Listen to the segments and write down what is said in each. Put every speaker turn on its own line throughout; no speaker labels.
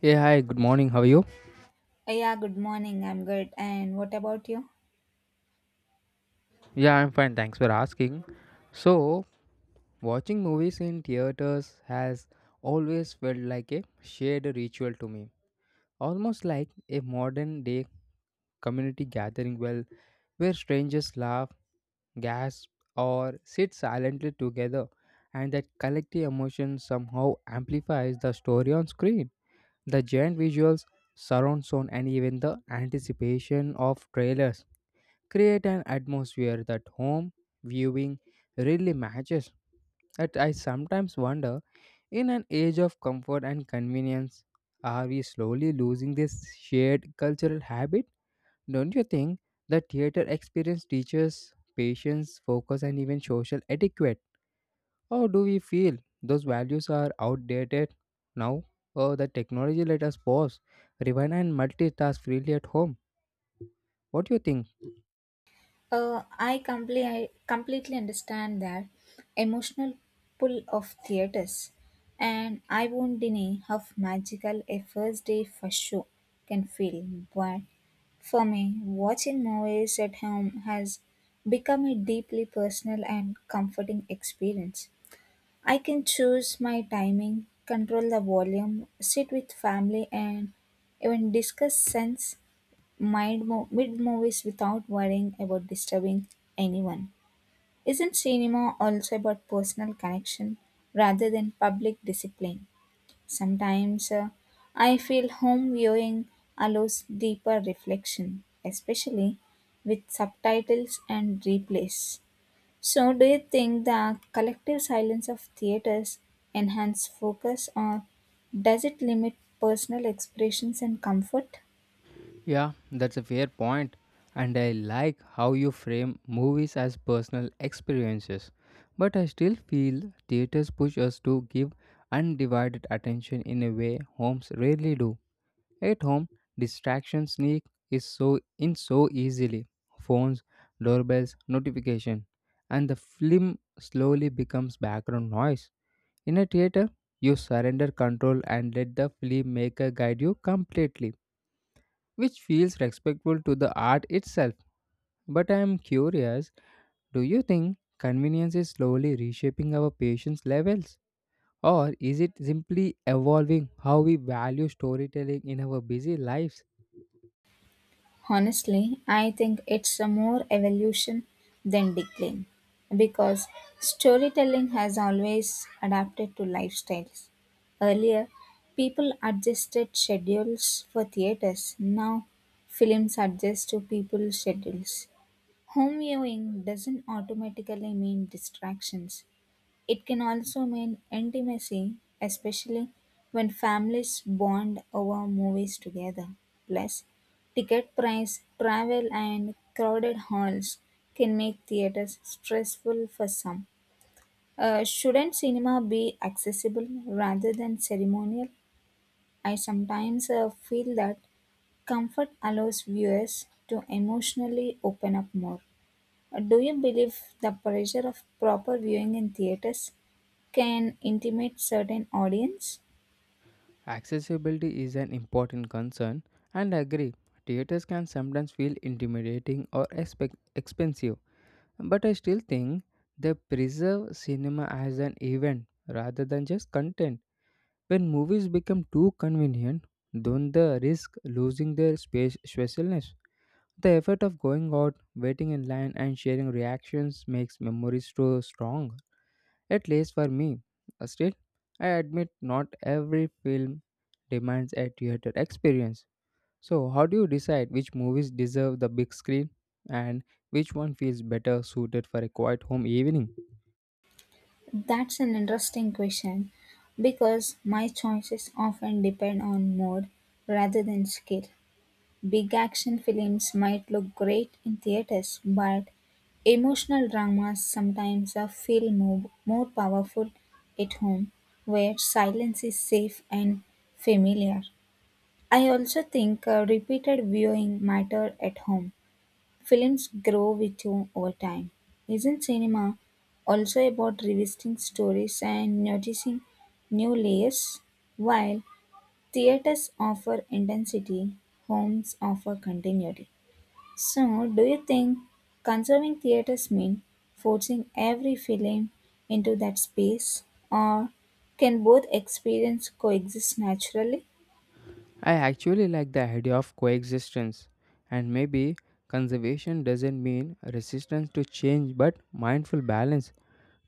Yeah, hi, good morning. How are you?
Yeah, good morning. I'm good. And what about you?
Yeah, I'm fine. Thanks for asking. So, watching movies in theaters has always felt like a shared ritual to me, almost like a modern day community gathering well where strangers laugh, gasp, or sit silently together, and that collective emotion somehow amplifies the story on screen. The giant visuals, surround sound, and even the anticipation of trailers create an atmosphere that home viewing really matches. That I sometimes wonder in an age of comfort and convenience, are we slowly losing this shared cultural habit? Don't you think the theater experience teaches patience, focus, and even social etiquette? Or do we feel those values are outdated now? Or the technology let us pause, rewind, and multitask freely at home? What do you think?
I completely understand that emotional pull of theaters, and I won't deny how magical a first day first show can feel. But for me, watching movies at home has become a deeply personal and comforting experience. I can choose my timing, control the volume, sit with family, and even discuss sense mid movies without worrying about disturbing anyone. Isn't cinema also about personal connection rather than public discipline? Sometimes I feel home viewing allows deeper reflection, especially with subtitles and replays. So, do you think the collective silence of theaters enhance focus or does it limit personal expressions and comfort?
Yeah, that's a fair point, and I like how you frame movies as personal experiences. But I still feel theaters push us to give undivided attention in a way homes rarely do. At home, distraction sneak is so in so easily. Phones, doorbells, notification, and the film slowly becomes background noise. In a theater, you surrender control and let the filmmaker guide you completely which feels respectful to the art itself. But I am curious, do you think convenience is slowly reshaping our patience levels? Or is it simply evolving how we value storytelling in our busy lives?
Honestly, I think it's a more evolution than decline because storytelling has always adapted to lifestyles. Earlier, people adjusted schedules for theaters. Now, films adjust to people's schedules. Home viewing doesn't automatically mean distractions. It can also mean intimacy, especially when families bond over movies together. Plus, ticket price, travel, and crowded halls can make theaters stressful for some. Shouldn't cinema be accessible rather than ceremonial? I sometimes feel that comfort allows viewers to emotionally open up more. Do you believe the pressure of proper viewing in theaters can intimidate certain audience?
Accessibility is an important concern, and I agree, theaters can sometimes feel intimidating or expensive. But I still think they preserve cinema as an event rather than just content. When movies become too convenient, don't they risk losing their space specialness? The effort of going out, waiting in line, and sharing reactions makes memories so strong, at least for me. Still, I admit not every film demands a theater experience. So, how do you decide which movies deserve the big screen and which one feels better suited for a quiet home evening?
That's an interesting question because my choices often depend on mood rather than skill. Big action films might look great in theaters, but emotional dramas sometimes feel more powerful at home where silence is safe and familiar. I also think repeated viewing matter at home. Films grow with you over time. Isn't cinema also about revisiting stories and noticing new layers? While theaters offer intensity, homes offer continuity. So, do you think conserving theaters mean forcing every film into that space, or can both experience coexist naturally?
I actually like the idea of coexistence, and maybe conservation doesn't mean resistance to change but mindful balance.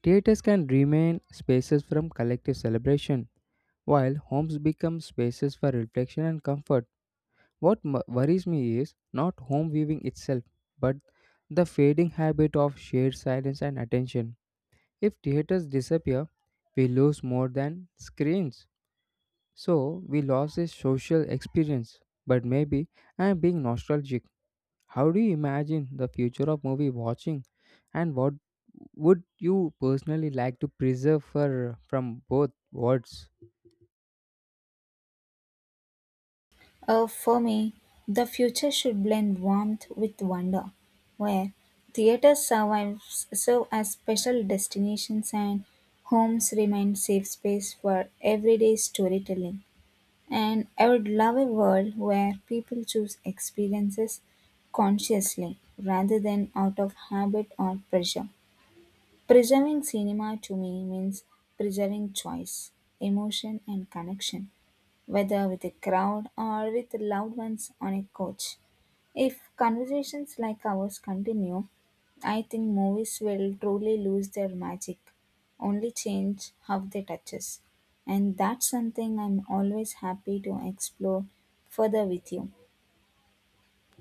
Theaters can remain spaces from collective celebration, while homes become spaces for reflection and comfort. What worries me is not home viewing itself, but the fading habit of shared silence and attention. If theaters disappear, we lose more than screens. So we lost this social experience, but maybe I'm being nostalgic. How do you imagine the future of movie watching, and what would you personally like to preserve for from both worlds?
For me, the future should blend warmth with wonder, where theaters survives, serve as special destinations and homes remain safe space for everyday storytelling. And I would love a world where people choose experiences consciously rather than out of habit or pressure. Preserving cinema to me means preserving choice, emotion, and connection whether with a crowd or with loved ones on a couch. If conversations like ours continue, I think movies will truly lose their magic, only change how they touch us. And that's something I'm always happy to explore further with you.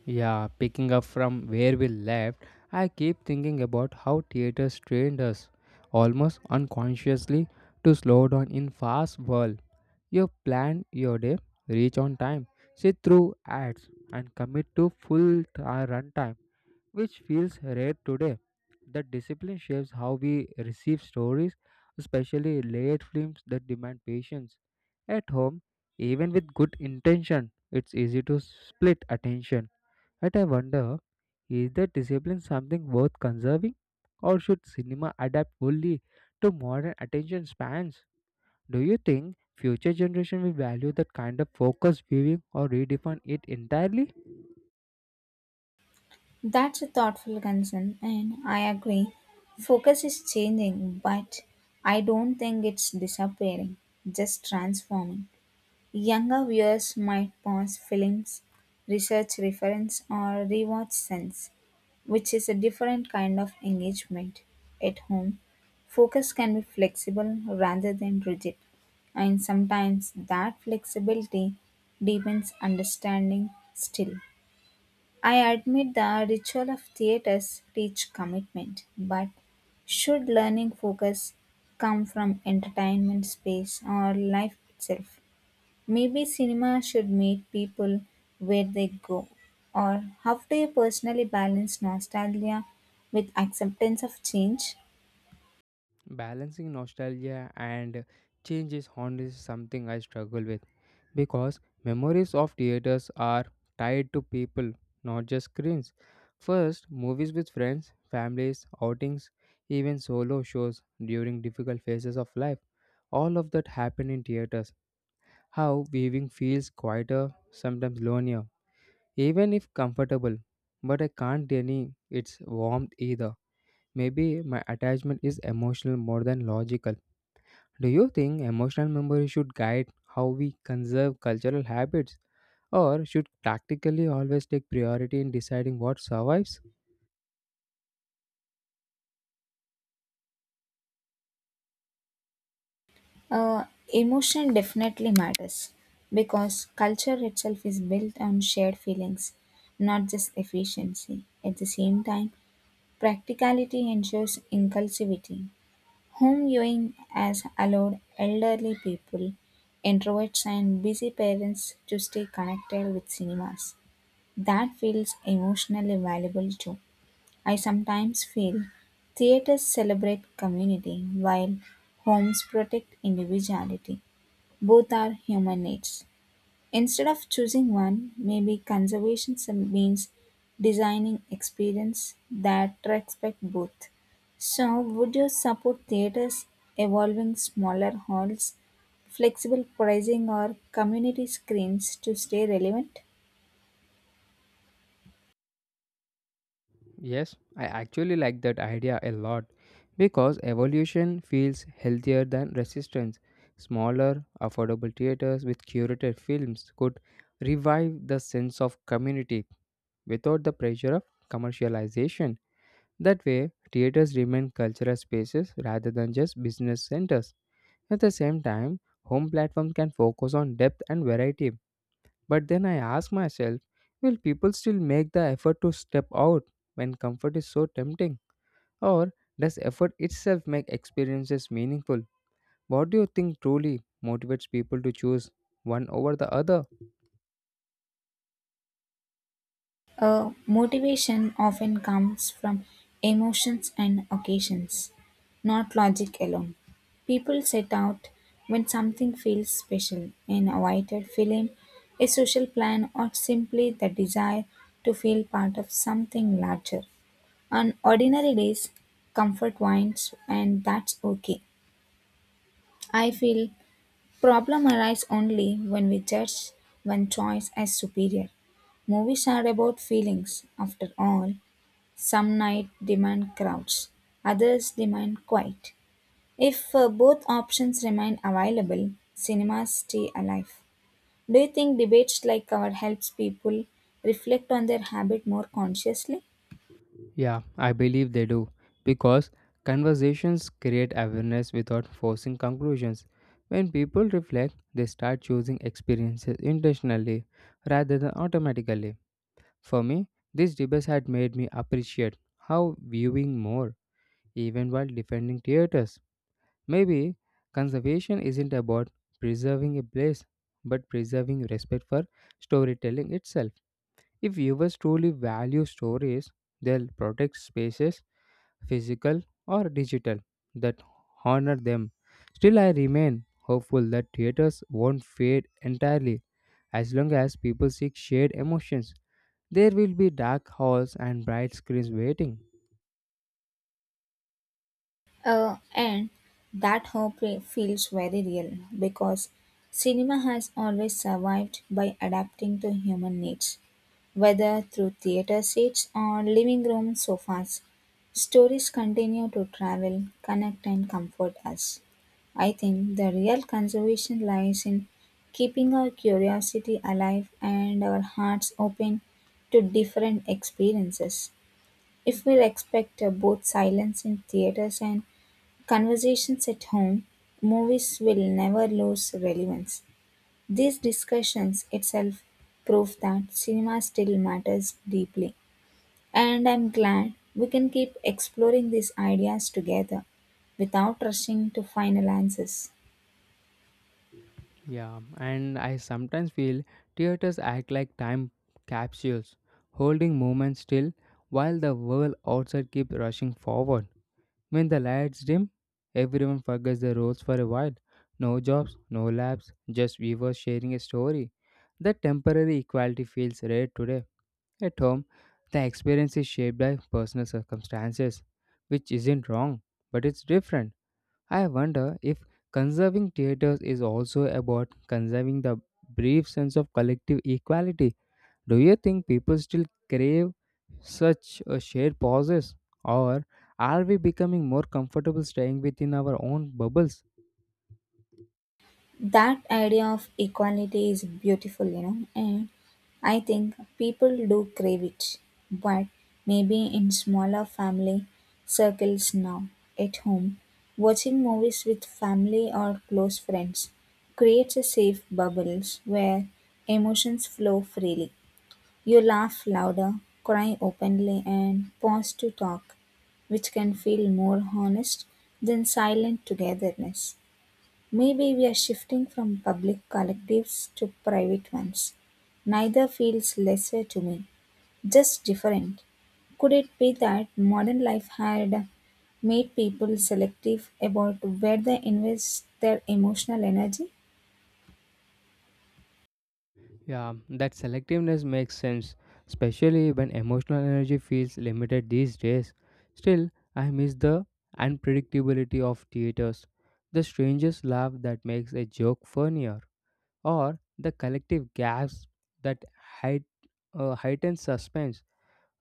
Yeah, picking up from where we left, I keep thinking about how theaters trained us, almost unconsciously, to slow down in fast world. You plan your day, reach on time, sit through ads, and commit to full runtime which feels rare today. That discipline shapes how we receive stories, especially late films that demand patience. At home, even with good intention, it's easy to split attention. Yet I wonder, is that discipline something worth conserving? Or should cinema adapt fully to modern attention spans? Do you think future generation will value that kind of focused viewing or redefine it entirely?
That's a thoughtful concern, and I agree. Focus is changing, but I don't think it's disappearing, just transforming. Younger viewers might pause films, research reference, or rewatch scenes, which is a different kind of engagement. At home, focus can be flexible rather than rigid, and sometimes that flexibility deepens understanding still. I admit the ritual of theaters teach commitment, but should learning focus come from entertainment space or life itself? Maybe cinema should meet people where they go. Or how do you personally balance nostalgia with acceptance of change?
Balancing nostalgia and change is honestly something I struggle with because memories of theaters are tied to people, not just screens. First, movies with friends, families, outings, even solo shows during difficult phases of life. All of that happened in theaters. How viewing feels quieter, sometimes lonelier, even if comfortable. But I can't deny its warmth either. Maybe my attachment is emotional more than logical. Do you think emotional memory should guide how we conserve cultural habits, or should practically always take priority in deciding what survives?
Uh, Emotion definitely matters because culture itself is built on shared feelings, not just efficiency. At the same time, practicality ensures inclusivity. Home viewing has allowed elderly people, introverts, and busy parents to stay connected with cinemas. That feels emotionally valuable too. I sometimes feel theaters celebrate community while homes protect individuality. Both are human needs. Instead of choosing one, maybe conservation some- means designing experience that respect both. So, would you support theaters evolving smaller halls, flexible pricing, or community screens to stay relevant?
Yes, I actually like that idea a lot because evolution feels healthier than resistance. Smaller, affordable theaters with curated films could revive the sense of community without the pressure of commercialization. That way, theaters remain cultural spaces rather than just business centers. At the same time, home platforms can focus on depth and variety. But then I ask myself, will people still make the effort to step out when comfort is so tempting? Or does effort itself make experiences meaningful? What do you think truly motivates people to choose one over the other?
Motivation often comes from emotions and occasions, not logic alone. People set out when something feels special an awaited film, a social plan, or simply the desire to feel part of something larger. On ordinary days, comfort wins, and that's okay. I feel problem arise only when we judge one choice as superior. Movies are about feelings, after all, some nights demand crowds, others demand quiet. If both options remain available, cinemas stay alive. Do you think debates like our helps people reflect on their habit more consciously?
Yeah, I believe they do. Because conversations create awareness without forcing conclusions. When people reflect, they start choosing experiences intentionally rather than automatically. For me, these debates had made me appreciate how viewing more, even while defending theaters. Maybe conservation isn't about preserving a place, but preserving respect for storytelling itself. If viewers truly value stories, they'll protect spaces, physical or digital, that honor them. Still, I remain hopeful that theaters won't fade entirely. As long as people seek shared emotions there will be dark halls and bright screens waiting.
And that hope re- feels very real because cinema has always survived by adapting to human needs, whether through theater seats or living room sofas. Stories continue to travel, connect, and comfort us. I think the real conservation lies in keeping our curiosity alive and our hearts open to different experiences. If we respect both silence in theaters and conversations at home, movies will never lose relevance. These discussions itself prove that cinema still matters deeply. And I'm glad we can keep exploring these ideas together without rushing to final answers.
Yeah, and I sometimes feel theaters act like time capsules, holding moments still while the world outside keeps rushing forward. When the lights dim, everyone forgets their roles for a while. No jobs, no labs, just viewers sharing a story. That temporary equality feels rare today. At home, the experience is shaped by personal circumstances, which isn't wrong, but it's different. I wonder if conserving theaters is also about conserving the brief sense of collective equality. Do you think people still crave such a shared pauses, or are we becoming more comfortable staying within our own bubbles?
That idea of equality is beautiful, and I think people do crave it, but maybe in smaller family circles now, at home, watching movies with family or close friends creates a safe bubbles where emotions flow freely. You laugh louder, cry openly, and pause to talk, which can feel more honest than silent togetherness. Maybe we are shifting from public collectives to private ones. Neither feels lesser to me, just different. Could it be that modern life had made people selective about where they invest their emotional energy?
Yeah, that selectiveness makes sense, especially when emotional energy feels limited these days. Still, I miss the unpredictability of theaters, the strangest laugh that makes a joke funnier or the collective gasp that height, heightens suspense.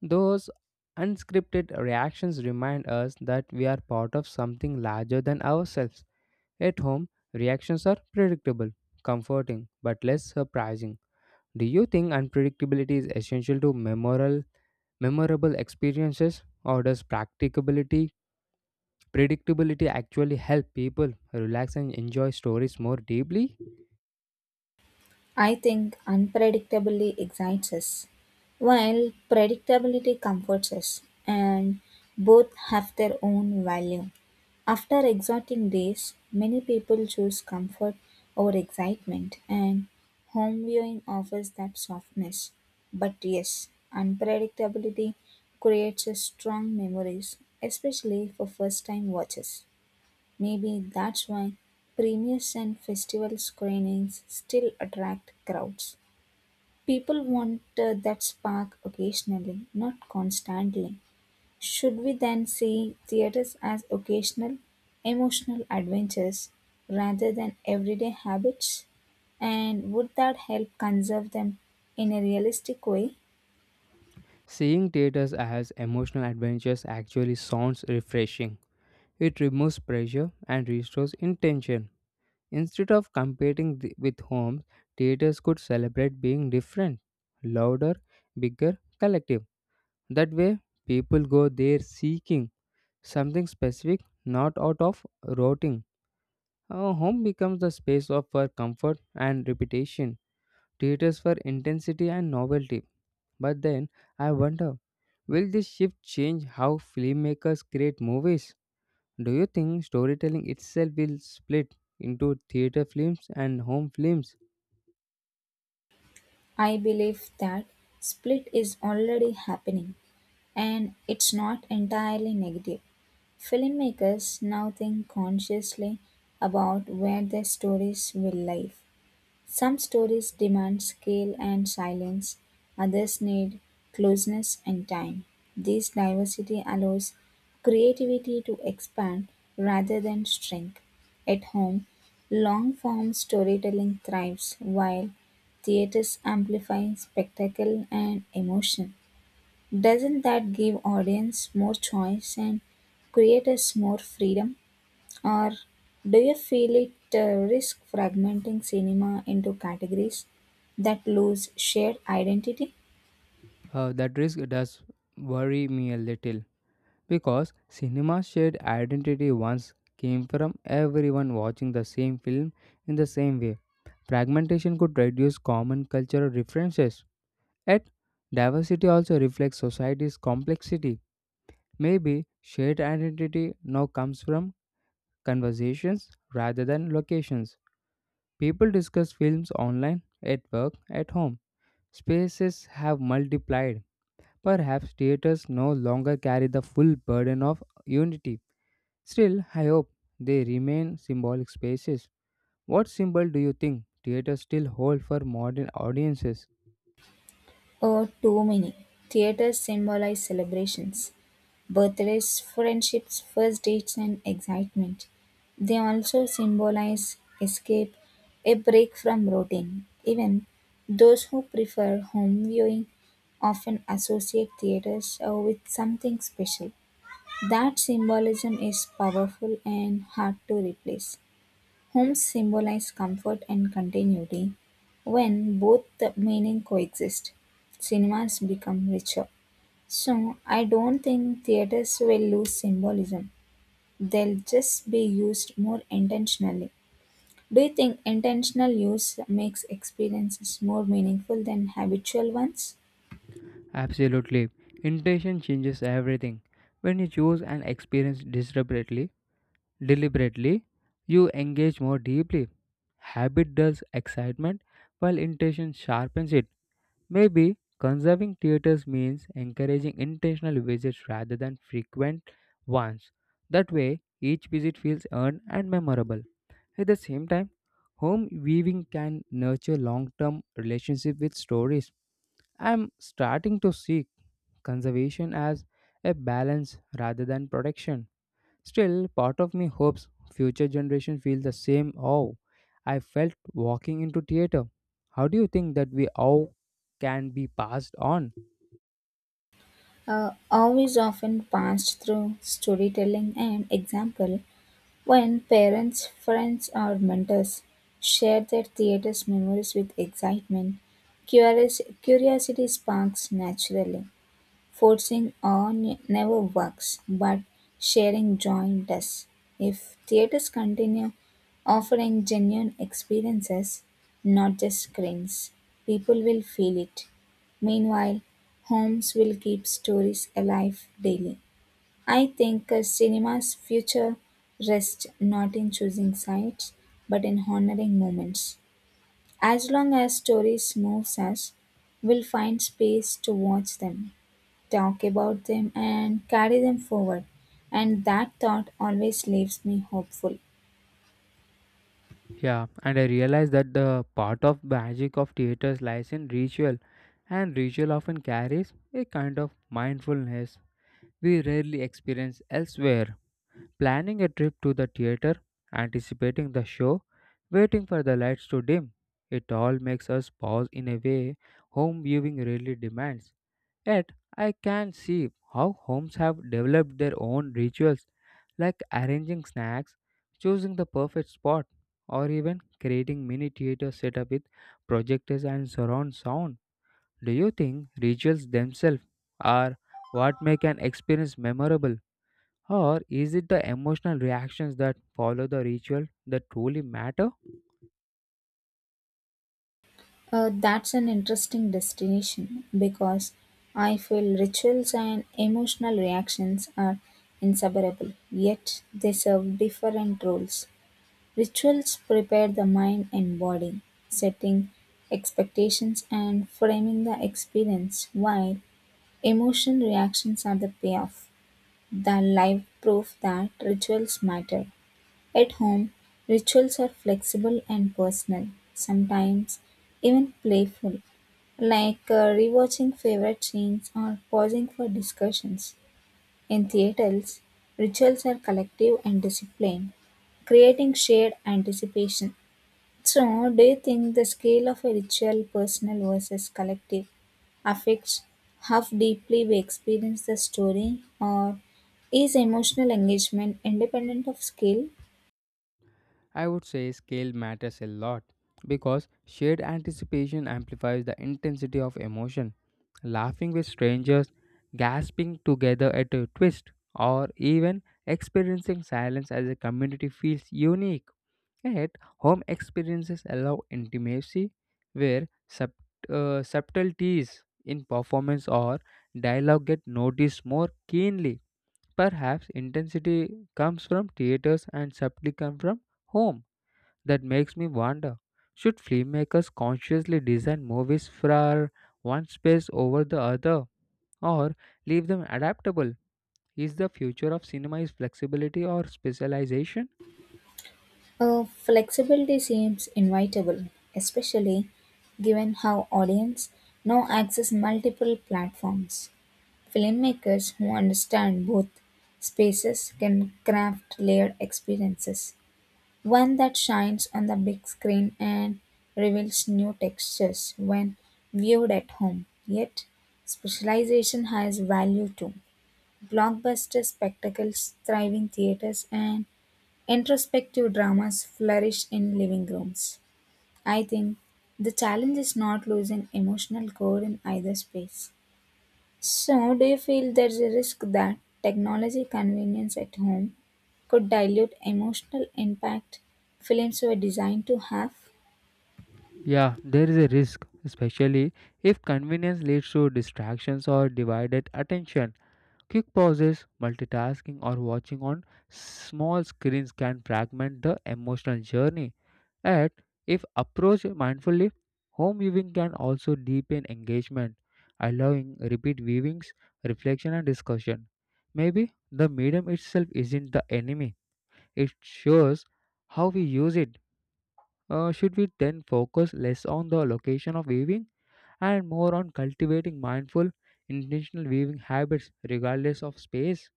Those unscripted reactions remind us that we are part of something larger than ourselves. At home, reactions are predictable, comforting, but less surprising. Do you think unpredictability is essential to memorable experiences, or does predictability actually help people relax and enjoy stories more deeply?
I think unpredictability excites us, while predictability comforts us, and both have their own value. After exhausting days, many people choose comfort over excitement, and home viewing offers that softness. But yes, unpredictability creates a strong memories, especially for first time watchers. Maybe that's why premieres and festival screenings still attract crowds. People want that spark occasionally, not constantly. Should we then see theaters as occasional, emotional adventures rather than everyday habits? And would that help conserve them in a realistic way?
Seeing theaters as emotional adventures actually sounds refreshing. It removes pressure and restores intention. Instead of competing with homes, theaters could celebrate being different, louder, bigger, collective. That way, people go there seeking something specific, not out of routing. Our home becomes the space of for comfort and repetition, theaters for intensity and novelty. But then I wonder, will this shift change how filmmakers create movies? Do you think storytelling itself will split into theater films and home films?
I believe that split is already happening and it's not entirely negative. Filmmakers now think consciously about where their stories will live. Some stories demand scale and silence, others need closeness and time. This diversity allows creativity to expand rather than shrink. At home, long form storytelling thrives while theaters amplify spectacle and emotion. Doesn't that give audience more choice and creators more freedom? Or do you feel it risk fragmenting cinema into categories that lose shared identity?
That risk does worry me a little because cinema's shared identity once came from everyone watching the same film in the same way. Fragmentation could reduce common cultural references. Yet, diversity also reflects society's complexity. Maybe shared identity now comes from conversations rather than locations. People discuss films online, at work, at home. Spaces have multiplied. Perhaps theaters no longer carry the full burden of unity. Still, I hope they remain symbolic spaces. What symbol do you think theaters still hold for modern audiences?
Or too many theaters symbolize celebrations, birthdays, friendships, first dates, and excitement. They also symbolize escape, a break from routine. Even those who prefer home viewing often associate theaters with something special. That symbolism is powerful and hard to replace. Homes symbolize comfort and continuity. When both the meaning coexist, cinemas become richer. So I don't think theaters will lose symbolism. They'll just be used more intentionally. Do you think intentional use makes experiences more meaningful than habitual ones?
Absolutely. Intention changes everything. When you choose an experience deliberately, you engage more deeply. Habit dulls excitement while intention sharpens it. Maybe conserving theaters means encouraging intentional visits rather than frequent ones. That way, each visit feels earned and memorable. At the same time, home viewing can nurture long term relationship with stories. I'm starting to seek conservation as a balance rather than protection. Still, part of me hopes future generations feel the same awe I felt walking into theater. How do you think that we awe can be passed on?
Awe is often passed through storytelling and example when parents, friends, or mentors share their theater's memories with excitement. Curious, curiosity sparks naturally. Forcing on never works, but sharing joy does. If theaters continue offering genuine experiences, not just screens, people will feel it. Meanwhile, homes will keep stories alive daily. I think cinema's future rests not in choosing sites, but in honoring moments. As long as stories moves us, we'll find space to watch them talk about them and carry them forward. And that thought always leaves me hopeful.
Yeah, and I realize that the part of magic of theaters lies in ritual, and ritual often carries a kind of mindfulness we rarely experience elsewhere. Planning a trip to the theater, anticipating the show, waiting for the lights to dim. It all makes us pause in a way home viewing really demands. Yet, I can see how homes have developed their own rituals, like arranging snacks, choosing the perfect spot, or even creating mini theater setup with projectors and surround sound. Do you think rituals themselves are what make an experience memorable? Or is it the emotional reactions that follow the ritual that truly matter?
That's an interesting destination because I feel rituals and emotional reactions are inseparable, yet they serve different roles. Rituals prepare the mind and body, setting expectations and framing the experience, while emotion reactions are the payoff, the live proof that rituals matter. At home, rituals are flexible and personal, sometimes even playful, like rewatching favorite scenes or pausing for discussions. In theatres, rituals are collective and disciplined, creating shared anticipation. So, do you think the scale of a ritual, personal versus collective, affects how deeply we experience the story, or is emotional engagement independent of scale?
I would say scale matters a lot because shared anticipation amplifies the intensity of emotion. Laughing with strangers, gasping together at a twist, or even experiencing silence as a community feels unique. Yet, home experiences allow intimacy where subtleties in performance or dialogue get noticed more keenly. Perhaps intensity comes from theaters and subtlety comes from home. That makes me wonder, should filmmakers consciously design movies for one space over the other, or leave them adaptable? Is the future of cinema is flexibility or specialization?
Flexibility seems inevitable, especially given how audience now access multiple platforms. Filmmakers who understand both spaces can craft layered experiences. One that shines on the big screen and reveals new textures when viewed at home. Yet, specialization has value too. Blockbuster spectacles, thriving theaters, and introspective dramas flourish in living rooms. I think the challenge is not losing emotional core in either space. So, do you feel there's a risk that technology convenience at home could dilute emotional impact films were designed to have?
Yeah, there is a risk, especially if convenience leads to distractions or divided attention. Quick pauses, multitasking, or watching on small screens can fragment the emotional journey. And if approached mindfully, home viewing can also deepen engagement, allowing repeat viewings, reflection, and discussion. Maybe the medium itself isn't the enemy, it shows how we use it. Should we then focus less on the location of weaving and more on cultivating mindful, intentional weaving habits regardless of space?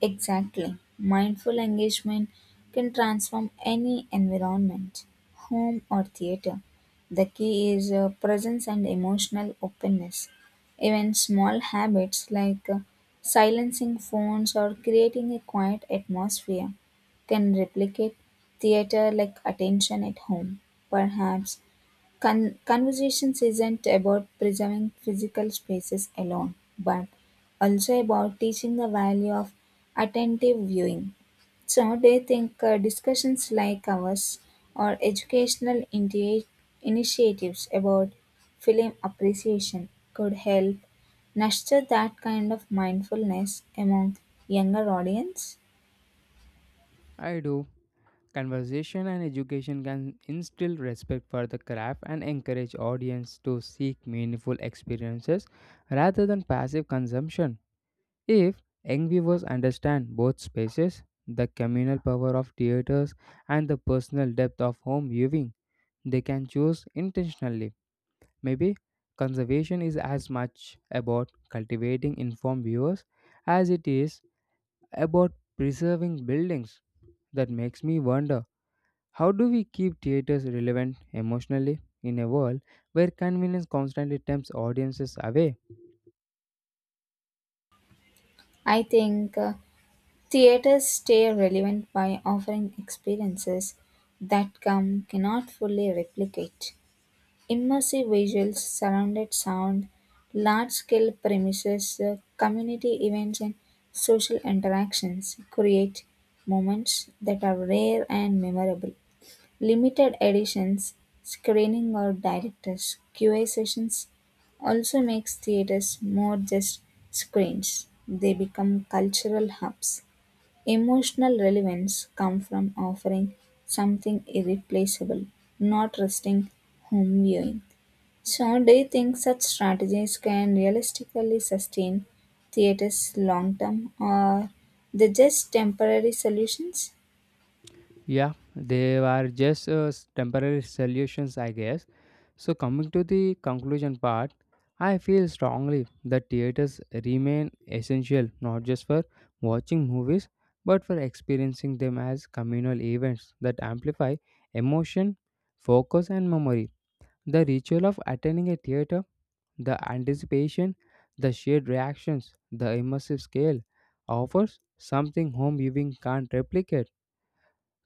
Exactly. Mindful engagement can transform any environment, home or theater. The key is presence and emotional openness. Even small habits like silencing phones or creating a quiet atmosphere can replicate theater like attention at home. Perhaps Con- conversations isn't about preserving physical spaces alone, but also about teaching the value of attentive viewing. So, do you think discussions like ours or educational initi- initiatives about film appreciation could help nurture that kind of mindfulness among younger audience?
I do. Conversation and education can instill respect for the craft and encourage audience to seek meaningful experiences rather than passive consumption. If young viewers understand both spaces, the communal power of theaters and the personal depth of home viewing, they can choose intentionally. Maybe conservation is as much about cultivating informed viewers as it is about preserving buildings. That makes me wonder, how do we keep theaters relevant emotionally in a world where convenience constantly tempts audiences away?
I think. Theaters stay relevant by offering experiences that come cannot fully replicate. Immersive visuals, surrounded sound, large scale premises, community events, and social interactions create moments that are rare and memorable. Limited editions, screening or directors, QA sessions also makes theaters more just screens. They become cultural hubs. Emotional relevance comes from offering something irreplaceable, not resting home viewing. So, do you think such strategies can realistically sustain theaters long term, or they just temporary solutions?
Yeah, they are just temporary solutions, I guess. So, coming to the conclusion part, I feel strongly that theaters remain essential not just for watching movies but for experiencing them as communal events that amplify emotion, focus, and memory. The ritual of attending a theater, the anticipation, the shared reactions, the immersive scale offers something home viewing can't replicate.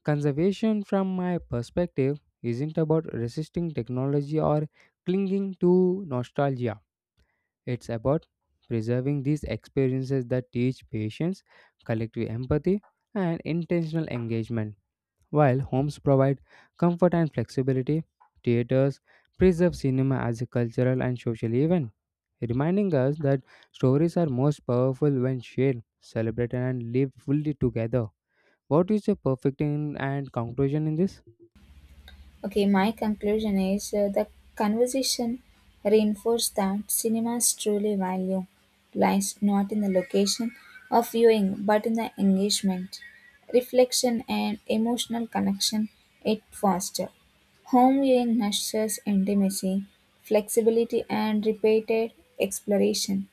Conservation, from my perspective, isn't about resisting technology or clinging to nostalgia. It's about preserving these experiences that teach patience, collective empathy, and intentional engagement. While homes provide comfort and flexibility, theaters preserve cinema as a cultural and social event, reminding us that stories are most powerful when shared, celebrated, and lived fully together. What is your perfect in and conclusion in this?
Okay, my conclusion is the conversation reinforced that cinema's truly value lies not in the location of viewing but in the engagement, reflection, and emotional connection it fosters. Home viewing nurtures intimacy, flexibility, and repeated exploration,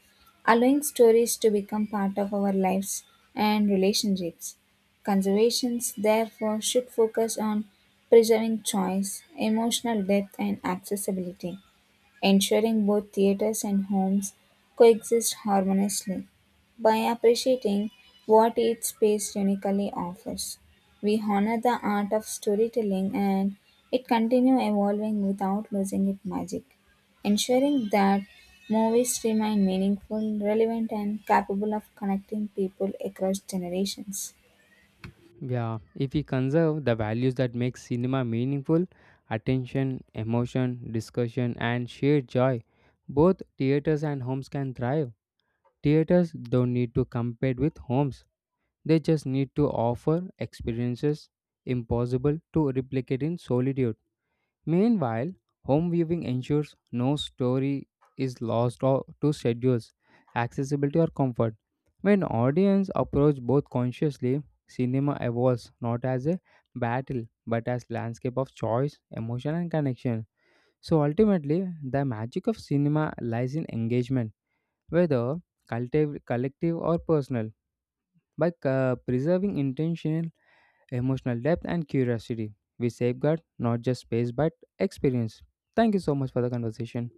allowing stories to become part of our lives and relationships. Conservations therefore should focus on preserving choice, emotional depth, and accessibility, ensuring both theaters and homes coexist harmoniously. By appreciating what each space uniquely offers, we honor the art of storytelling and it continue evolving without losing its magic, ensuring that movies remain meaningful, relevant, and capable of connecting people across generations.
Yeah, if we conserve the values that make cinema meaningful, attention, emotion, discussion, and shared joy, both theaters and homes can thrive. Theaters don't need to compete with homes, they just need to offer experiences impossible to replicate in solitude. Meanwhile, home viewing ensures no story is lost or to schedules, accessibility or comfort. When audience approach both consciously, cinema evolves not as a battle but as landscape of choice, emotion and connection. So ultimately, the magic of cinema lies in engagement, whether collective or personal. By preserving intention, emotional depth, and curiosity. We safeguard not just space but experience. Thank you so much for the conversation.